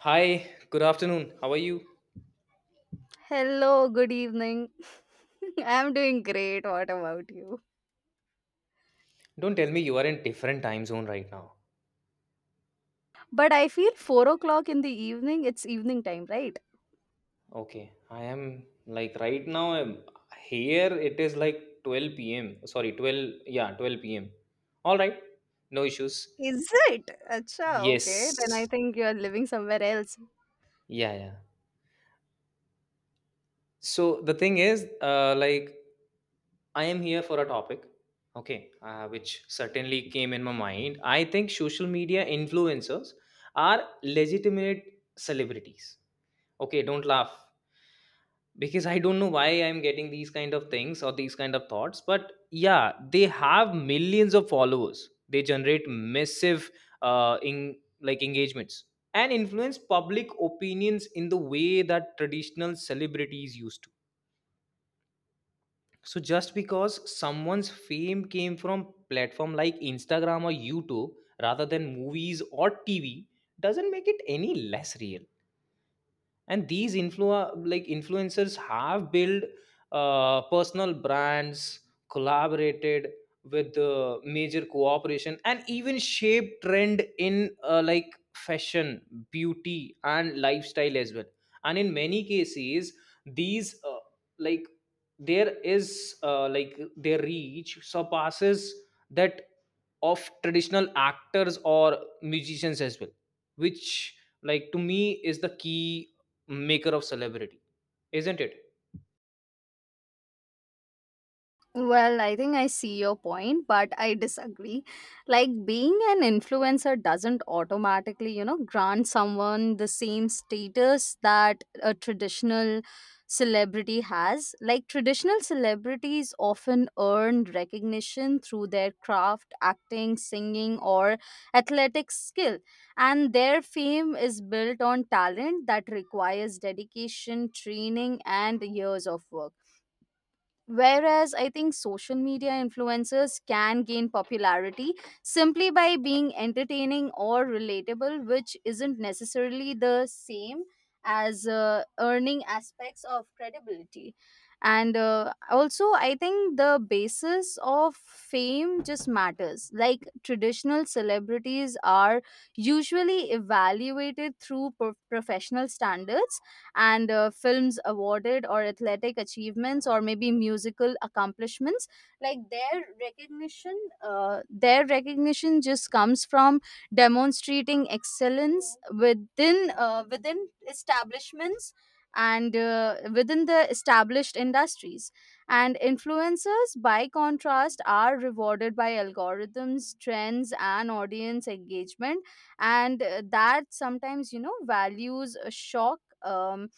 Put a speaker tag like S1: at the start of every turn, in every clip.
S1: Hi, good afternoon. How are you?
S2: Hello, good evening. I'm doing great. What about you?
S1: Don't tell me you are in different time zone right now.
S2: But I feel 4 o'clock in the evening, it's evening time, right?
S1: Okay, I am like right now I'm here. It is like 12 p.m. Sorry, 12, yeah, 12 p.m. All right. No issues.
S2: Is it? Acha, okay. Then I
S1: Yes.
S2: think you're living somewhere else.
S1: Yeah, yeah. So the thing is like I am here for a topic, okay, which certainly came in my mind. I think social media influencers are legitimate celebrities. Okay, don't laugh. Because I don't know why I'm getting these kind of things or these kind of thoughts, but yeah, they have millions of followers, they generate massive in like engagements and influence public opinions in the way that traditional celebrities used to. So just because someone's fame came from platform like Instagram or YouTube rather than movies or TV doesn't make it any less real. And these like influencers have built personal brands, collaborated with major cooperation, and even shape trend in like fashion, beauty and lifestyle as well. And in many cases, these like there is like their reach surpasses that of traditional actors or musicians as well, which like to me is the key maker of celebrity, isn't it?
S2: Well, I think I see your point, but I disagree. Like being an influencer doesn't automatically, you know, grant someone the same status that a traditional celebrity has. Like traditional celebrities often earn recognition through their craft, acting, singing, or athletic skill, and their fame is built on talent that requires dedication, training, and years of work. Whereas I think social media influencers can gain popularity simply by being entertaining or relatable, which isn't necessarily the same as earning aspects of credibility. And also, I think the basis of fame just matters. Like traditional celebrities are usually evaluated through professional standards and films awarded or athletic achievements or maybe musical accomplishments like their recognition just comes from demonstrating excellence within establishments and within the established industries, and influencers by contrast are rewarded by algorithms trends and audience engagement, and that sometimes, you know, values shock,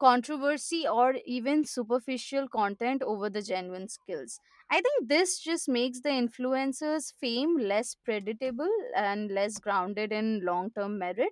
S2: controversy, or even superficial content over the genuine skills. I think this just makes the influencer's fame less predictable and less grounded in long term merit.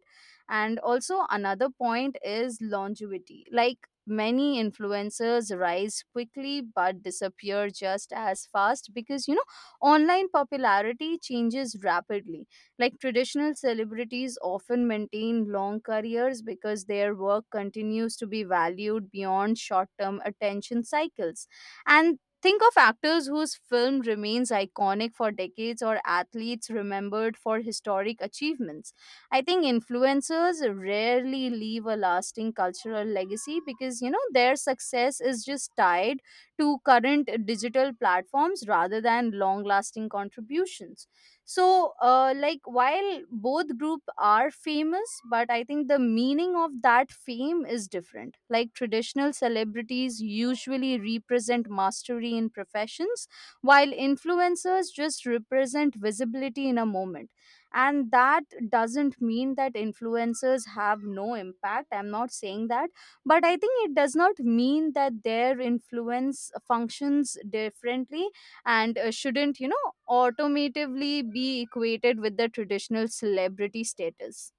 S2: And also, another point is longevity. Like, many influencers rise quickly but disappear just as fast because, you know, online popularity changes rapidly. Like traditional celebrities often maintain long careers because their work continues to be valued beyond short term attention cycles. And think of actors whose film remains iconic for decades or athletes remembered for historic achievements. I think influencers rarely leave a lasting cultural legacy because, you know, their success is just tied to current digital platforms rather than long lasting contributions. So like, while both group are famous, but I think the meaning of that fame is different. Like traditional celebrities usually represent mastery in professions, while influencers just represent visibility in a moment. And that doesn't mean that influencers have no impact, I'm not saying that, but I think it does not mean that their influence functions differently and shouldn't, you know, automatively be equated with the traditional celebrity status.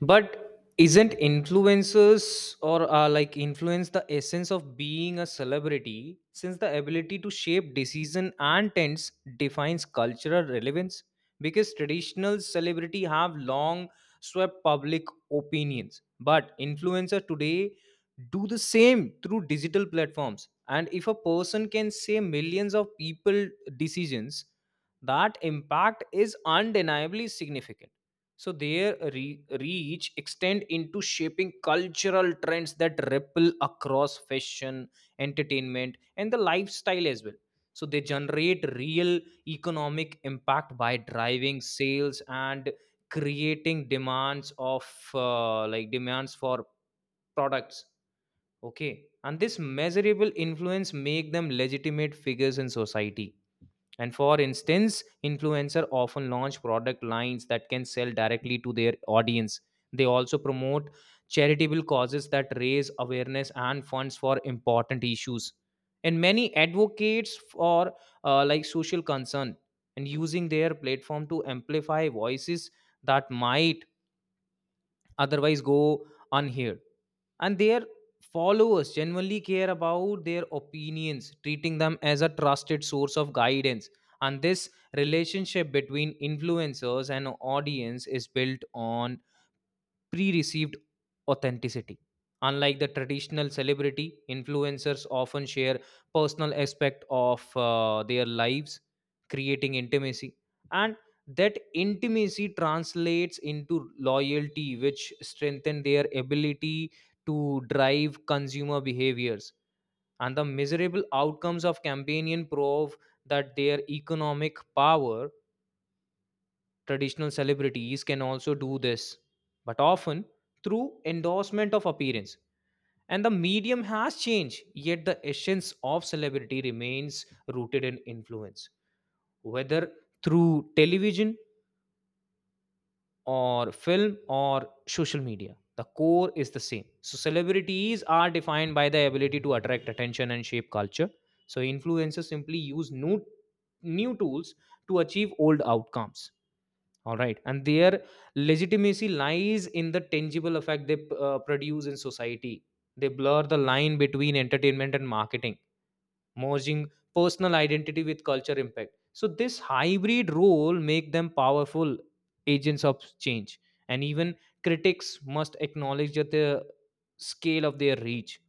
S1: But isn't influencers or like influence the essence of being a celebrity, since the ability to shape decision and trends defines cultural relevance? Because traditional celebrity have long swept public opinions, but influencer today do the same through digital platforms. And if a person can say millions of people decisions, that impact is undeniably significant. So their reach extend into shaping cultural trends that ripple across fashion, entertainment and the lifestyle as well. So they generate real economic impact by driving sales and creating demands of demands for products, okay, and this measurable influence make them legitimate figures in society. And for instance, influencer often launch product lines that can sell directly to their audience. They also promote charitable causes that raise awareness and funds for important issues. And many advocates for like social concern, and using their platform to amplify voices that might otherwise go unheard. And their followers genuinely care about their opinions, treating them as a trusted source of guidance. And this relationship between influencers and audience is built on pre-received authenticity. Unlike the traditional celebrity, influencers often share personal aspect of their lives, creating intimacy, and that intimacy translates into loyalty, which strengthen their ability to drive consumer behaviors. And the miserable outcomes of campaigning prove that their economic power. Traditional celebrities can also do this, but often through endorsement of appearance. And the medium has changed, yet the essence of celebrity remains rooted in influence, whether through television or film or social media. The core is the same. So celebrities are defined by the ability to attract attention and shape culture. So influencers simply use new tools to achieve old outcomes. All right. And their legitimacy lies in the tangible effect they produce in society. They blur the line between entertainment and marketing, merging personal identity with culture impact. So this hybrid role make them powerful agents of change. And even critics must acknowledge that the scale of their reach.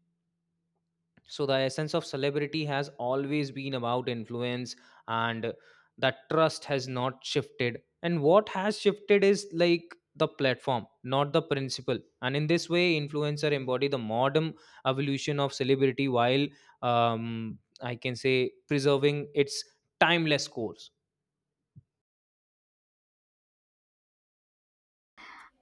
S1: So the essence of celebrity has always been about influence, and that trust has not shifted. And what has shifted is like the platform, not the principle. And in this way, influencer embody the modern evolution of celebrity while I can say preserving its timeless course.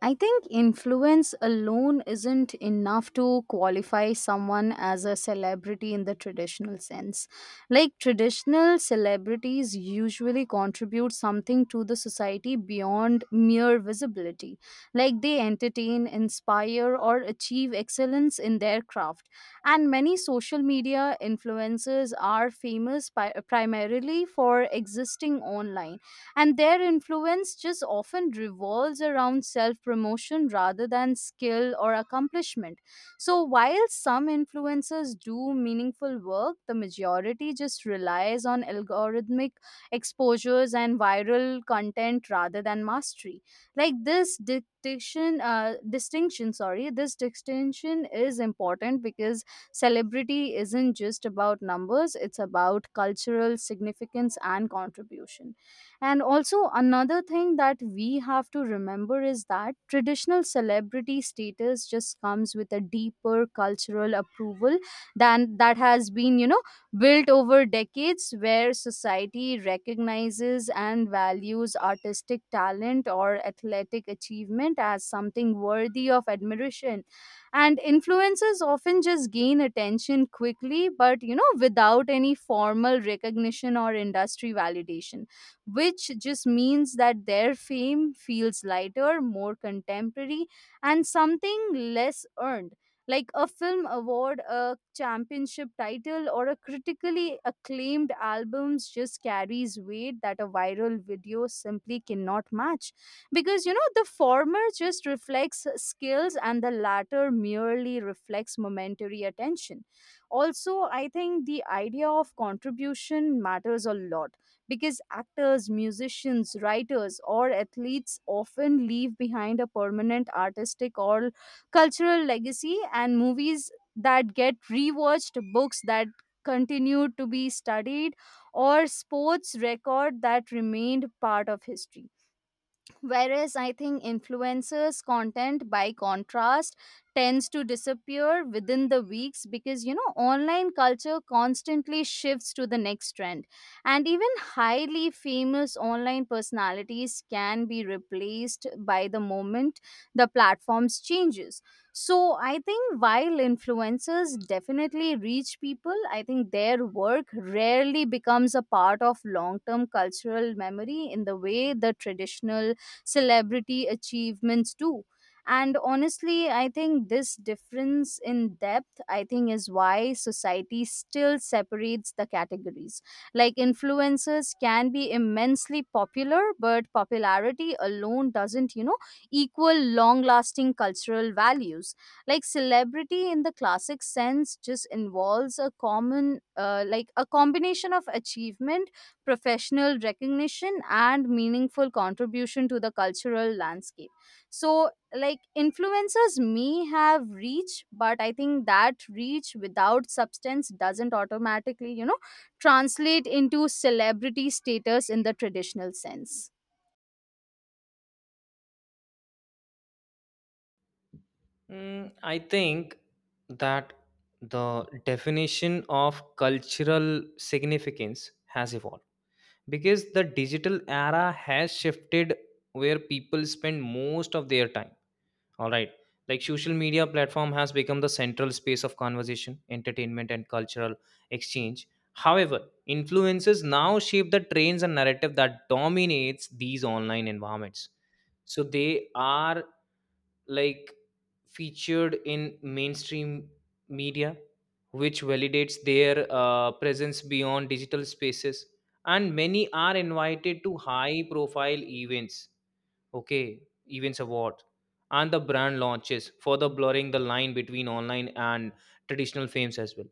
S2: I think influence alone isn't enough to qualify someone as a celebrity in the traditional sense. Like traditional celebrities usually contribute something to the society beyond mere visibility. Like they entertain, inspire, or achieve excellence in their craft. And many social media influencers are famous primarily for existing online, and their influence just often revolves around self promotion rather than skill or accomplishment. So, while some influencers do meaningful work, the majority just relies on algorithmic exposures and viral content rather than mastery. Like this distinction is important because celebrity isn't just about numbers, it's about cultural significance and contribution. And also, another thing that we have to remember is that traditional celebrity status just comes with a deeper cultural approval than that has been, you know, built over decades, where society recognizes and values artistic talent or athletic achievement as something worthy of admiration. And influencers often just gain attention quickly, but, you know, without any formal recognition or industry validation, which just means that their fame feels lighter, more contemporary, and something less earned. Like a film award, a championship title, or a critically acclaimed albums just carries weight that a viral video simply cannot match. Because, you know, the former just reflects skills and the latter merely reflects momentary attention. Also, I think the idea of contribution matters a lot because actors, musicians, writers, or athletes often leave behind a permanent artistic or cultural legacy, and movies that get rewatched, books that continue to be studied, or sports record that remained part of history. Whereas I think influencers content, by contrast, tends to disappear within the weeks because, you know, online culture constantly shifts to the next trend, and even highly famous online personalities can be replaced by the moment the platforms changes. So I think while influencers definitely reach people, I think their work rarely becomes a part of long term cultural memory in the way the traditional celebrity achievements too. And honestly, I think this difference in depth, I think, is why society still separates the categories. Like influencers can be immensely popular, but popularity alone doesn't, you know, equal long lasting cultural values. Like celebrity in the classic sense just involves a common like a combination of achievement, professional recognition, and meaningful contribution to the cultural landscape. So like, influencers may have reach, but I think that reach without substance doesn't automatically, you know, translate into celebrity status in the traditional sense.
S1: Mm, I think that the definition of cultural significance has evolved because the digital era has shifted where people spend most of their time, all right, like social media platform has become the central space of conversation, entertainment and cultural exchange. However, influences now shape the trends and narrative that dominates these online environments. So they are like featured in mainstream media, which validates their presence beyond digital spaces. And many are invited to high profile events, okay, events award and the brand launches, further blurring the line between online and traditional fames as well.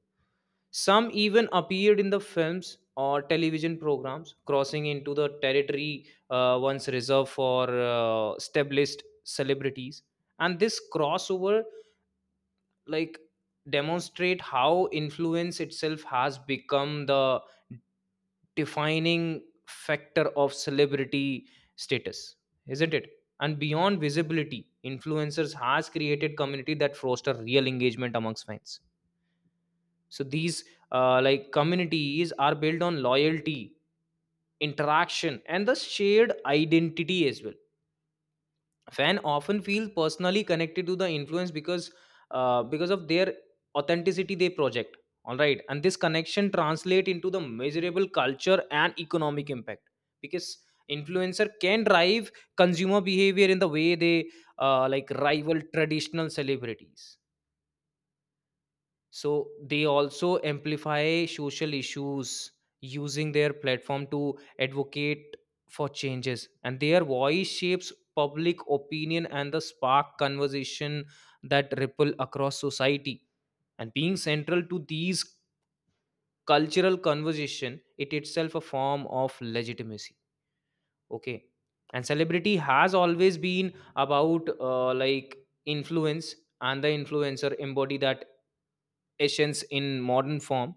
S1: Some even appeared in the films or television programs, crossing into the territory once reserved for established celebrities. And this crossover, like, demonstrate how influence itself has become the defining factor of celebrity status, isn't it? And beyond visibility, influencers has created community that foster real engagement amongst fans. So these like communities are built on loyalty, interaction and the shared identity as well. Fan often feel personally connected to the influence because of their authenticity they project. All right, and this connection translate into the measurable culture and economic impact, because influencer can drive consumer behavior in the way they like rival traditional celebrities. So they also amplify social issues, using their platform to advocate for changes, and their voice shapes public opinion and the spark conversation that ripple across society. And being central to these cultural conversation it itself a form of legitimacy, okay. And celebrity has always been about like influence, and the influencer embody that essence in modern form.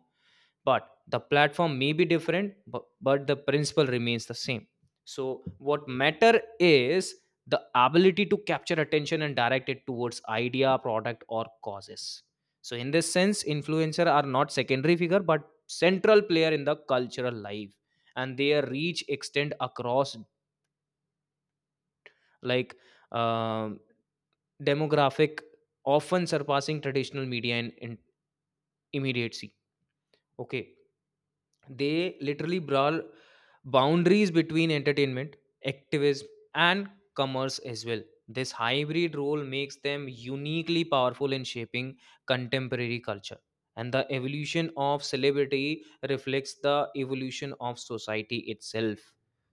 S1: But the platform may be different, but the principle remains the same. So what matter is the ability to capture attention and direct it towards idea, product or causes. So in this sense, influencer are not secondary figure but central player in the cultural life. And their reach extend across like um, demographic, often surpassing traditional media in immediacy, okay. They literally brawl boundaries between entertainment, activism, and commerce as well. This hybrid role makes them uniquely powerful in shaping contemporary culture. And the evolution of celebrity reflects the evolution of society itself.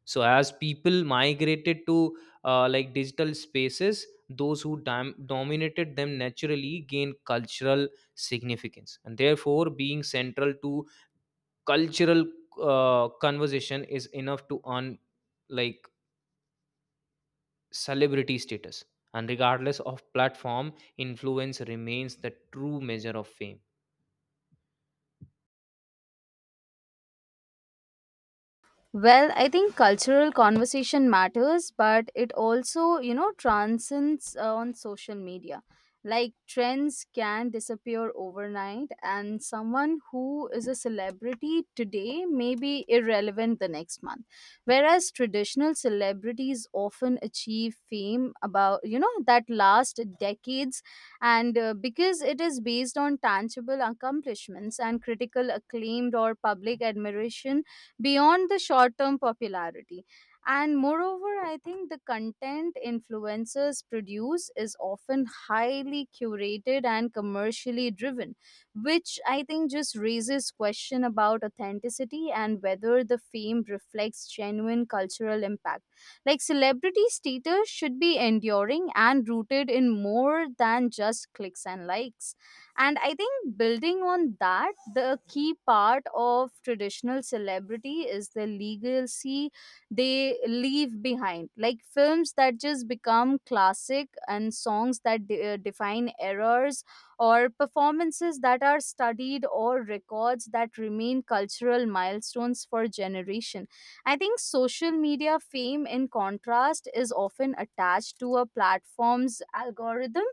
S1: So as people migrated to like digital spaces, those who dominated them naturally gained cultural significance. And therefore being central to cultural conversation is enough to earn like celebrity status, and regardless of platform, influence remains the true measure of fame.
S2: Well, I think cultural conversation matters, but it also, you know, transcends on social media. Like trends can disappear overnight, and someone who is a celebrity today may be irrelevant the next month. Whereas traditional celebrities often achieve fame about, you know, that last decades, and because it is based on tangible accomplishments and critical acclaimed or public admiration beyond the short term popularity. And moreover, I think the content influencers produce is often highly curated and commercially driven, which I think just raises question about authenticity and whether the fame reflects genuine cultural impact. Like celebrity status should be enduring and rooted in more than just clicks and likes. And I think building on that, the key part of traditional celebrity is the legacy they leave behind, like films that just become classic and songs that define errors, or performances that are studied, or records that remain cultural milestones for generation. I think social media fame, in contrast, is often attached to a platform's algorithm,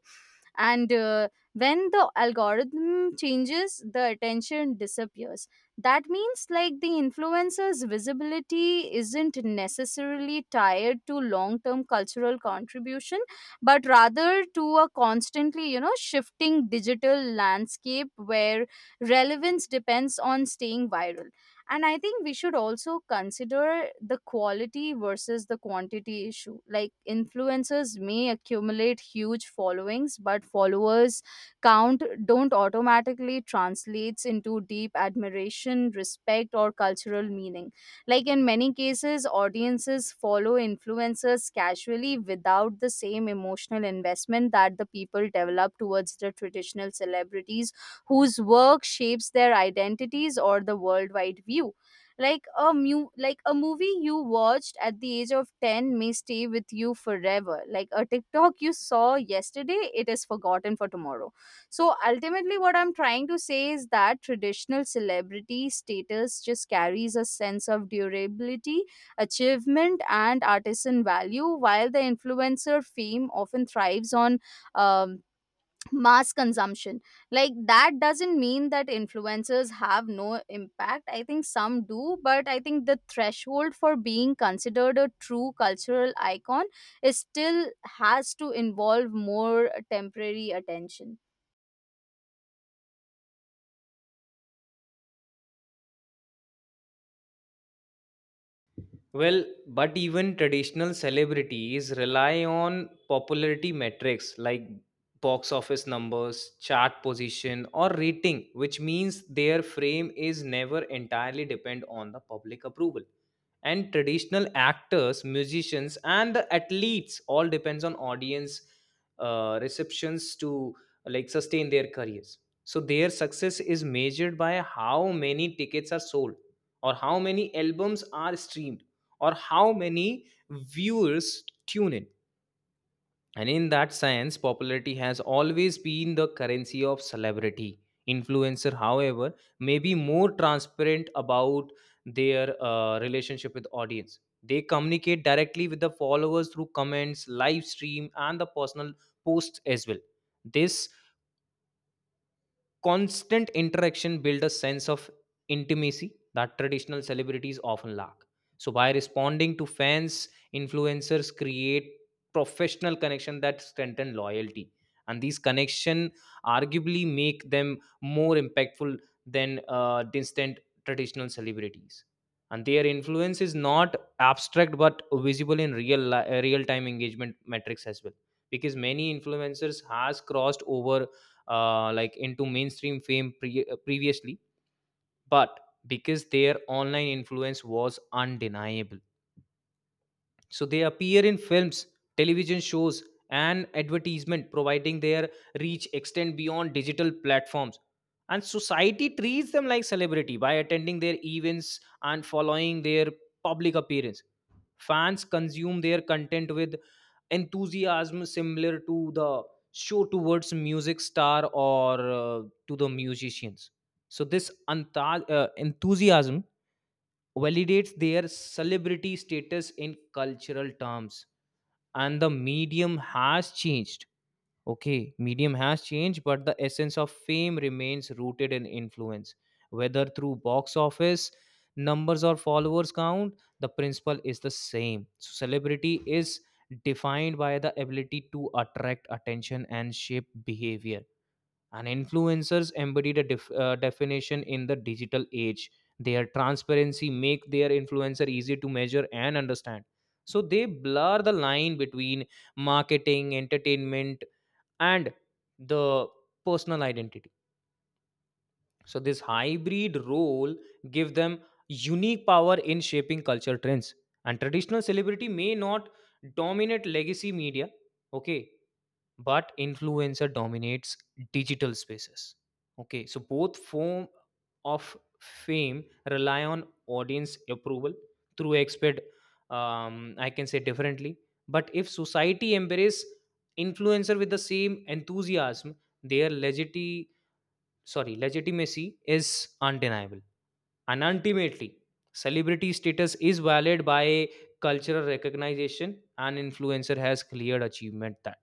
S2: and when the algorithm changes the attention disappears. That means like the influencer's visibility isn't necessarily tied to long-term cultural contribution, but rather to a constantly, you know, shifting digital landscape where relevance depends on staying viral. And I think we should also consider the quality versus the quantity issue. Like influencers may accumulate huge followings, but followers count don't automatically translates into deep admiration, respect, or cultural meaning. Like in many cases audiences follow influencers casually without the same emotional investment that the people develop towards the traditional celebrities whose work shapes their identities or the worldwide view. Like a movie you watched at the age of 10 may stay with you forever. Like a TikTok you saw yesterday, it is forgotten for tomorrow. So ultimately, what I'm trying to say is that traditional celebrity status just carries a sense of durability, achievement, and artisan value, while the influencer fame often thrives on um, mass consumption. Like that doesn't mean that influencers have no impact, I think some do, but I think the threshold for being considered a true cultural icon is still has to involve more temporary attention.
S1: Well, but even traditional celebrities rely on popularity metrics like box office numbers, chart position or rating, which means their fame is never entirely depend on the public approval. And traditional actors, musicians and the athletes all depends on audience receptions to like sustain their careers. So their success is measured by how many tickets are sold, or how many albums are streamed, or how many viewers tune in. And in that sense, popularity has always been the currency of celebrity. Influencer, however, may be more transparent about their relationship with audience. They communicate directly with the followers through comments, live stream, and the personal posts as well. This constant interaction build a sense of intimacy that traditional celebrities often lack. So by responding to fans, influencers create professional connection that strengthen loyalty, and these connection arguably make them more impactful than distant traditional celebrities. And their influence is not abstract but visible in real time engagement metrics as well, because many influencers has crossed over like into mainstream fame previously, but because their online influence was undeniable. So they appear in films, television shows and advertisement, providing their reach extend beyond digital platforms. And society treats them like celebrity by attending their events and following their public appearance. Fans consume their content with enthusiasm similar to the show towards music star or to the musicians. So this enthusiasm validates their celebrity status in cultural terms. And the medium has changed. Okay, medium has changed, but the essence of fame remains rooted in influence. Whether through box office, numbers, or followers count, the principle is the same. So celebrity is defined by the ability to attract attention and shape behavior. And influencers embody the definition in the digital age. Their transparency make their influencer easy to measure and understand. So they blur the line between marketing, entertainment, and the personal identity. So this hybrid role give them unique power in shaping culture trends. And traditional celebrity may not dominate legacy media, okay, but influencer dominates digital spaces, okay. So both form of fame rely on audience approval through expert, I can say differently. But if society embrace influencer with the same enthusiasm, their legiti- sorry legitimacy is undeniable. And ultimately, celebrity status is valid by cultural recognition, and influencer has cleared achievement that.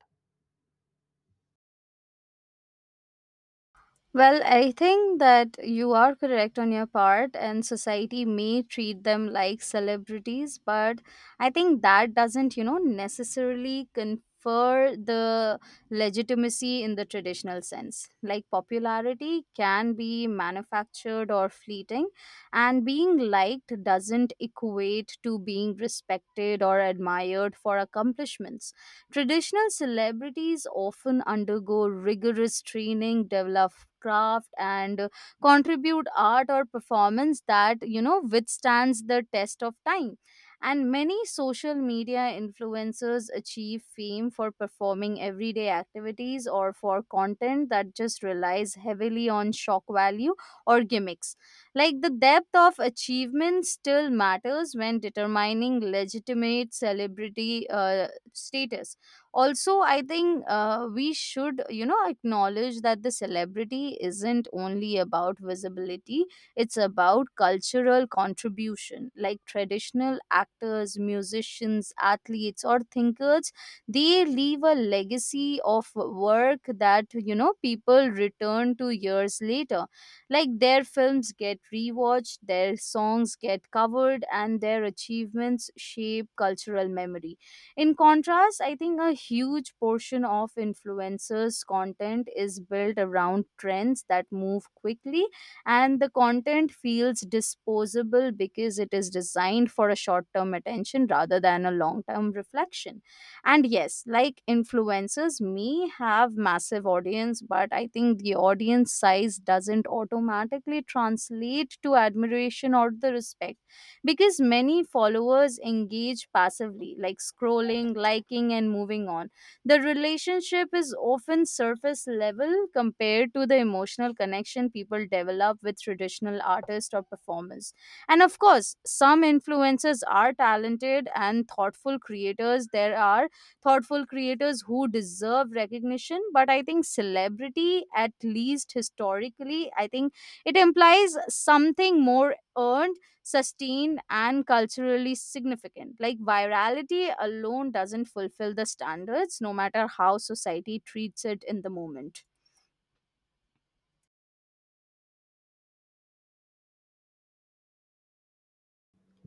S2: Well, I think that you are correct on your part, and society may treat them like celebrities, but I think that doesn't, you know, necessarily confer the legitimacy in the traditional sense. Like, popularity can be manufactured or fleeting, and being liked doesn't equate to being respected or admired for accomplishments. Traditional celebrities often undergo rigorous training, develop craft, and contribute art or performance that, you know, withstands the test of time. And many social media influencers achieve fame for performing everyday activities or for content that just relies heavily on shock value or gimmicks. Like the depth of achievement still matters when determining legitimate celebrity status. Also, I think we should, you know, acknowledge that the celebrity isn't only about visibility, it's about cultural contribution. Like traditional actors, musicians, athletes, or thinkers, they leave a legacy of work that, you know, people return to years later. Like their films get rewatched, their songs get covered, and their achievements shape cultural memory. In contrast, I think a huge portion of influencers' content is built around trends that move quickly, and the content feels disposable because it is designed for a short term attention rather than a long term reflection. And yes, like influencers may have massive audience, but I think the audience size doesn't automatically translate to admiration or the respect, because many followers engage passively, like scrolling, liking, and moving on. The relationship is often surface level compared to the emotional connection people develop with traditional artists or performers. And of course, some influencers are talented and thoughtful creators. There are thoughtful creators who deserve recognition, but I think celebrity, at least historically, I think it implies something more earned, sustained, and culturally significant. Like virality alone doesn't fulfill the standards, no matter how society treats it in the moment.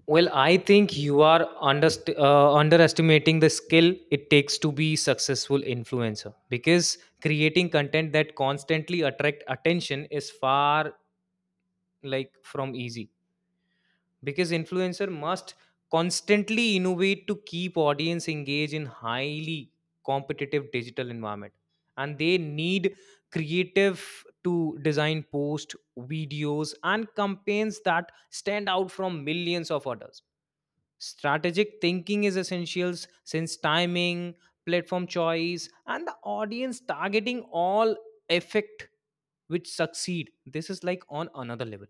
S1: Well, I think you are underestimating the skill it takes to be successful influencer, because creating content that constantly attract attention is far like from easy, because influencer must constantly innovate to keep audience engaged in highly competitive digital environment. And they need creative to design post, videos and campaigns that stand out from millions of others. Strategic thinking is essential since timing, platform choice, and the audience targeting all affect which succeed. This is like on another level.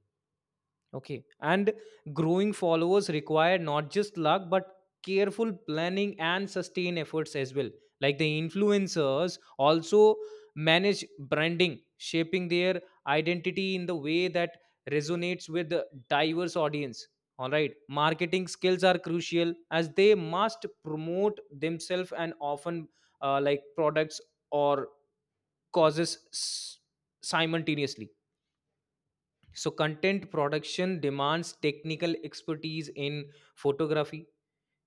S1: Okay. And growing followers require not just luck, but careful planning and sustained efforts as well. Like the influencers also manage branding, shaping their identity in the way that resonates with the diverse audience. All right. Marketing skills are crucial as they must promote themselves and often like products or causes s- simultaneously. So content production demands technical expertise in photography,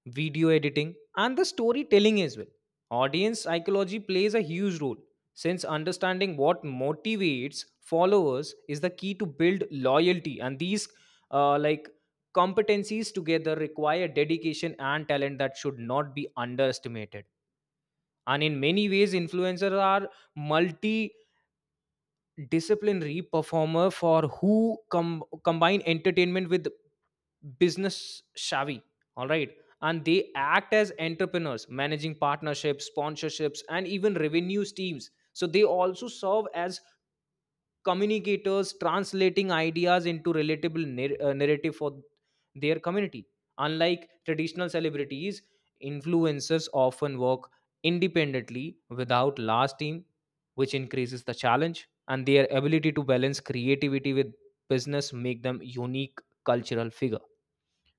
S1: video editing, and the storytelling as well. Audience psychology plays a huge role since understanding what motivates followers is the key to build loyalty, and these like competencies together require dedication and talent that should not be underestimated. And in many ways, influencers are multi disciplinary performer for who combine entertainment with business savvy. All right. And they act as entrepreneurs managing partnerships, sponsorships and even revenues teams. So they also serve as communicators, translating ideas into relatable narrative for their community. Unlike traditional celebrities, influencers often work independently without large team, which increases the challenge, and their ability to balance creativity with business make them unique cultural figure.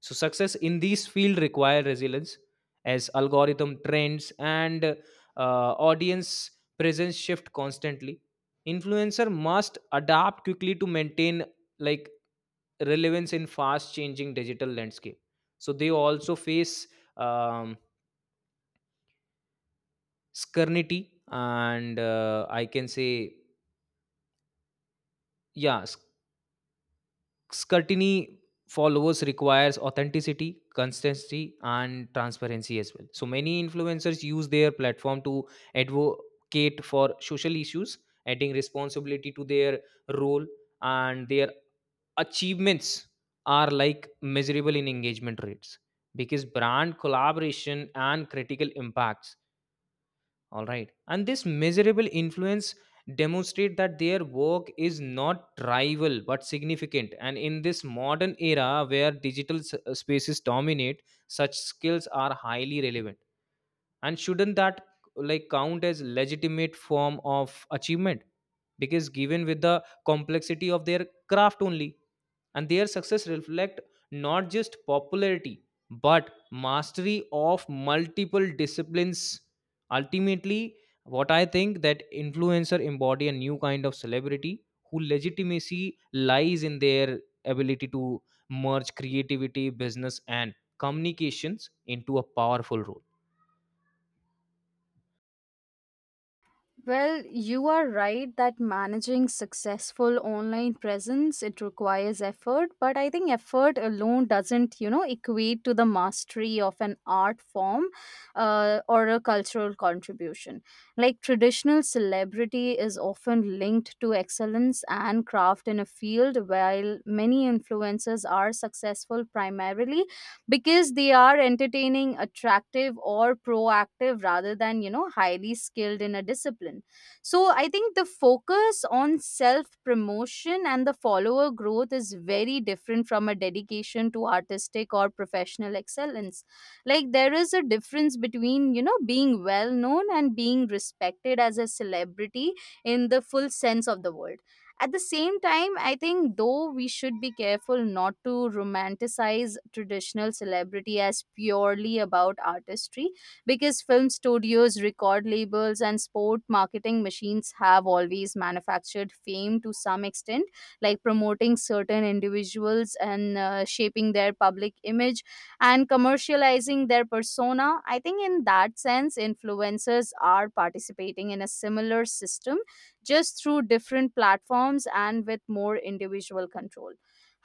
S1: So success in these field require resilience as algorithm trends and audience presence shift constantly. Influencer must adapt quickly to maintain like relevance in fast changing digital landscape. So they also face um, scrutiny and I can say yeah scrutiny. Followers requires authenticity, consistency and transparency as well. So many influencers use their platform to advocate for social issues, adding responsibility to their role. And their achievements are like measurable in engagement rates, because brand collaboration and critical impacts. All right, and this measurable influence demonstrate that their work is not trivial but significant. And in this modern era where spaces dominate, such skills are highly relevant. And shouldn't that like count as legitimate form of achievement? Because given with the complexity of their craft only, and their success reflect not just popularity but mastery of multiple disciplines. Ultimately, what I think that influencer embody a new kind of celebrity who legitimacy lies in their ability to merge creativity, business and communications into a powerful role.
S2: Well, you are right that managing successful online presence it requires effort, but I think effort alone doesn't, you know, equate to the mastery of an art form or a cultural contribution. Like traditional celebrity is often linked to excellence and craft in a field, while many influencers are successful primarily because they are entertaining, attractive, or proactive rather than, you know, highly skilled in a discipline. So I think the focus on self promotion and the follower growth is very different from a dedication to artistic or professional excellence. Like there is a difference between, you know, being well known and being respected as a celebrity in the full sense of the word. At the same time, I think though we should be careful not to romanticize traditional celebrity as purely about artistry, because film studios, record labels, and sport marketing machines have always manufactured fame to some extent, like promoting certain individuals and shaping their public image and commercializing their persona. I think in that sense, influencers are participating in a similar system, just through different platforms and with more individual control.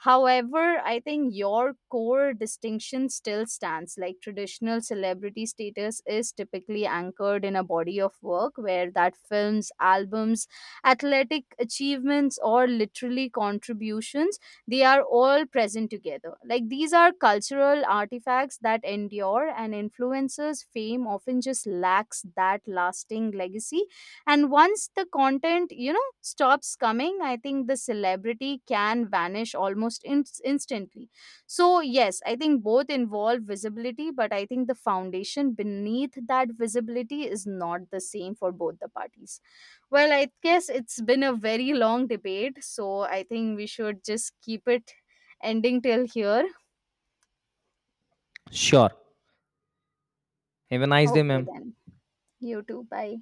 S2: However, I think your core distinction still stands. Like traditional celebrity status is typically anchored in a body of work, where that films, albums, athletic achievements, or literally contributions, they are all present together. Like these are cultural artifacts that endure, and influencers' fame often just lacks that lasting legacy, and once the content, you know, stops coming, I think the celebrity can vanish almost instantly. So yes, I think both involve visibility, but I think the foundation beneath that visibility is not the same for both the parties. Well, I guess it's been a very long debate, so I think we should just keep it ending till here.
S1: Sure. Have a nice day,
S2: Okay
S1: ma'am.
S2: then, you too, bye.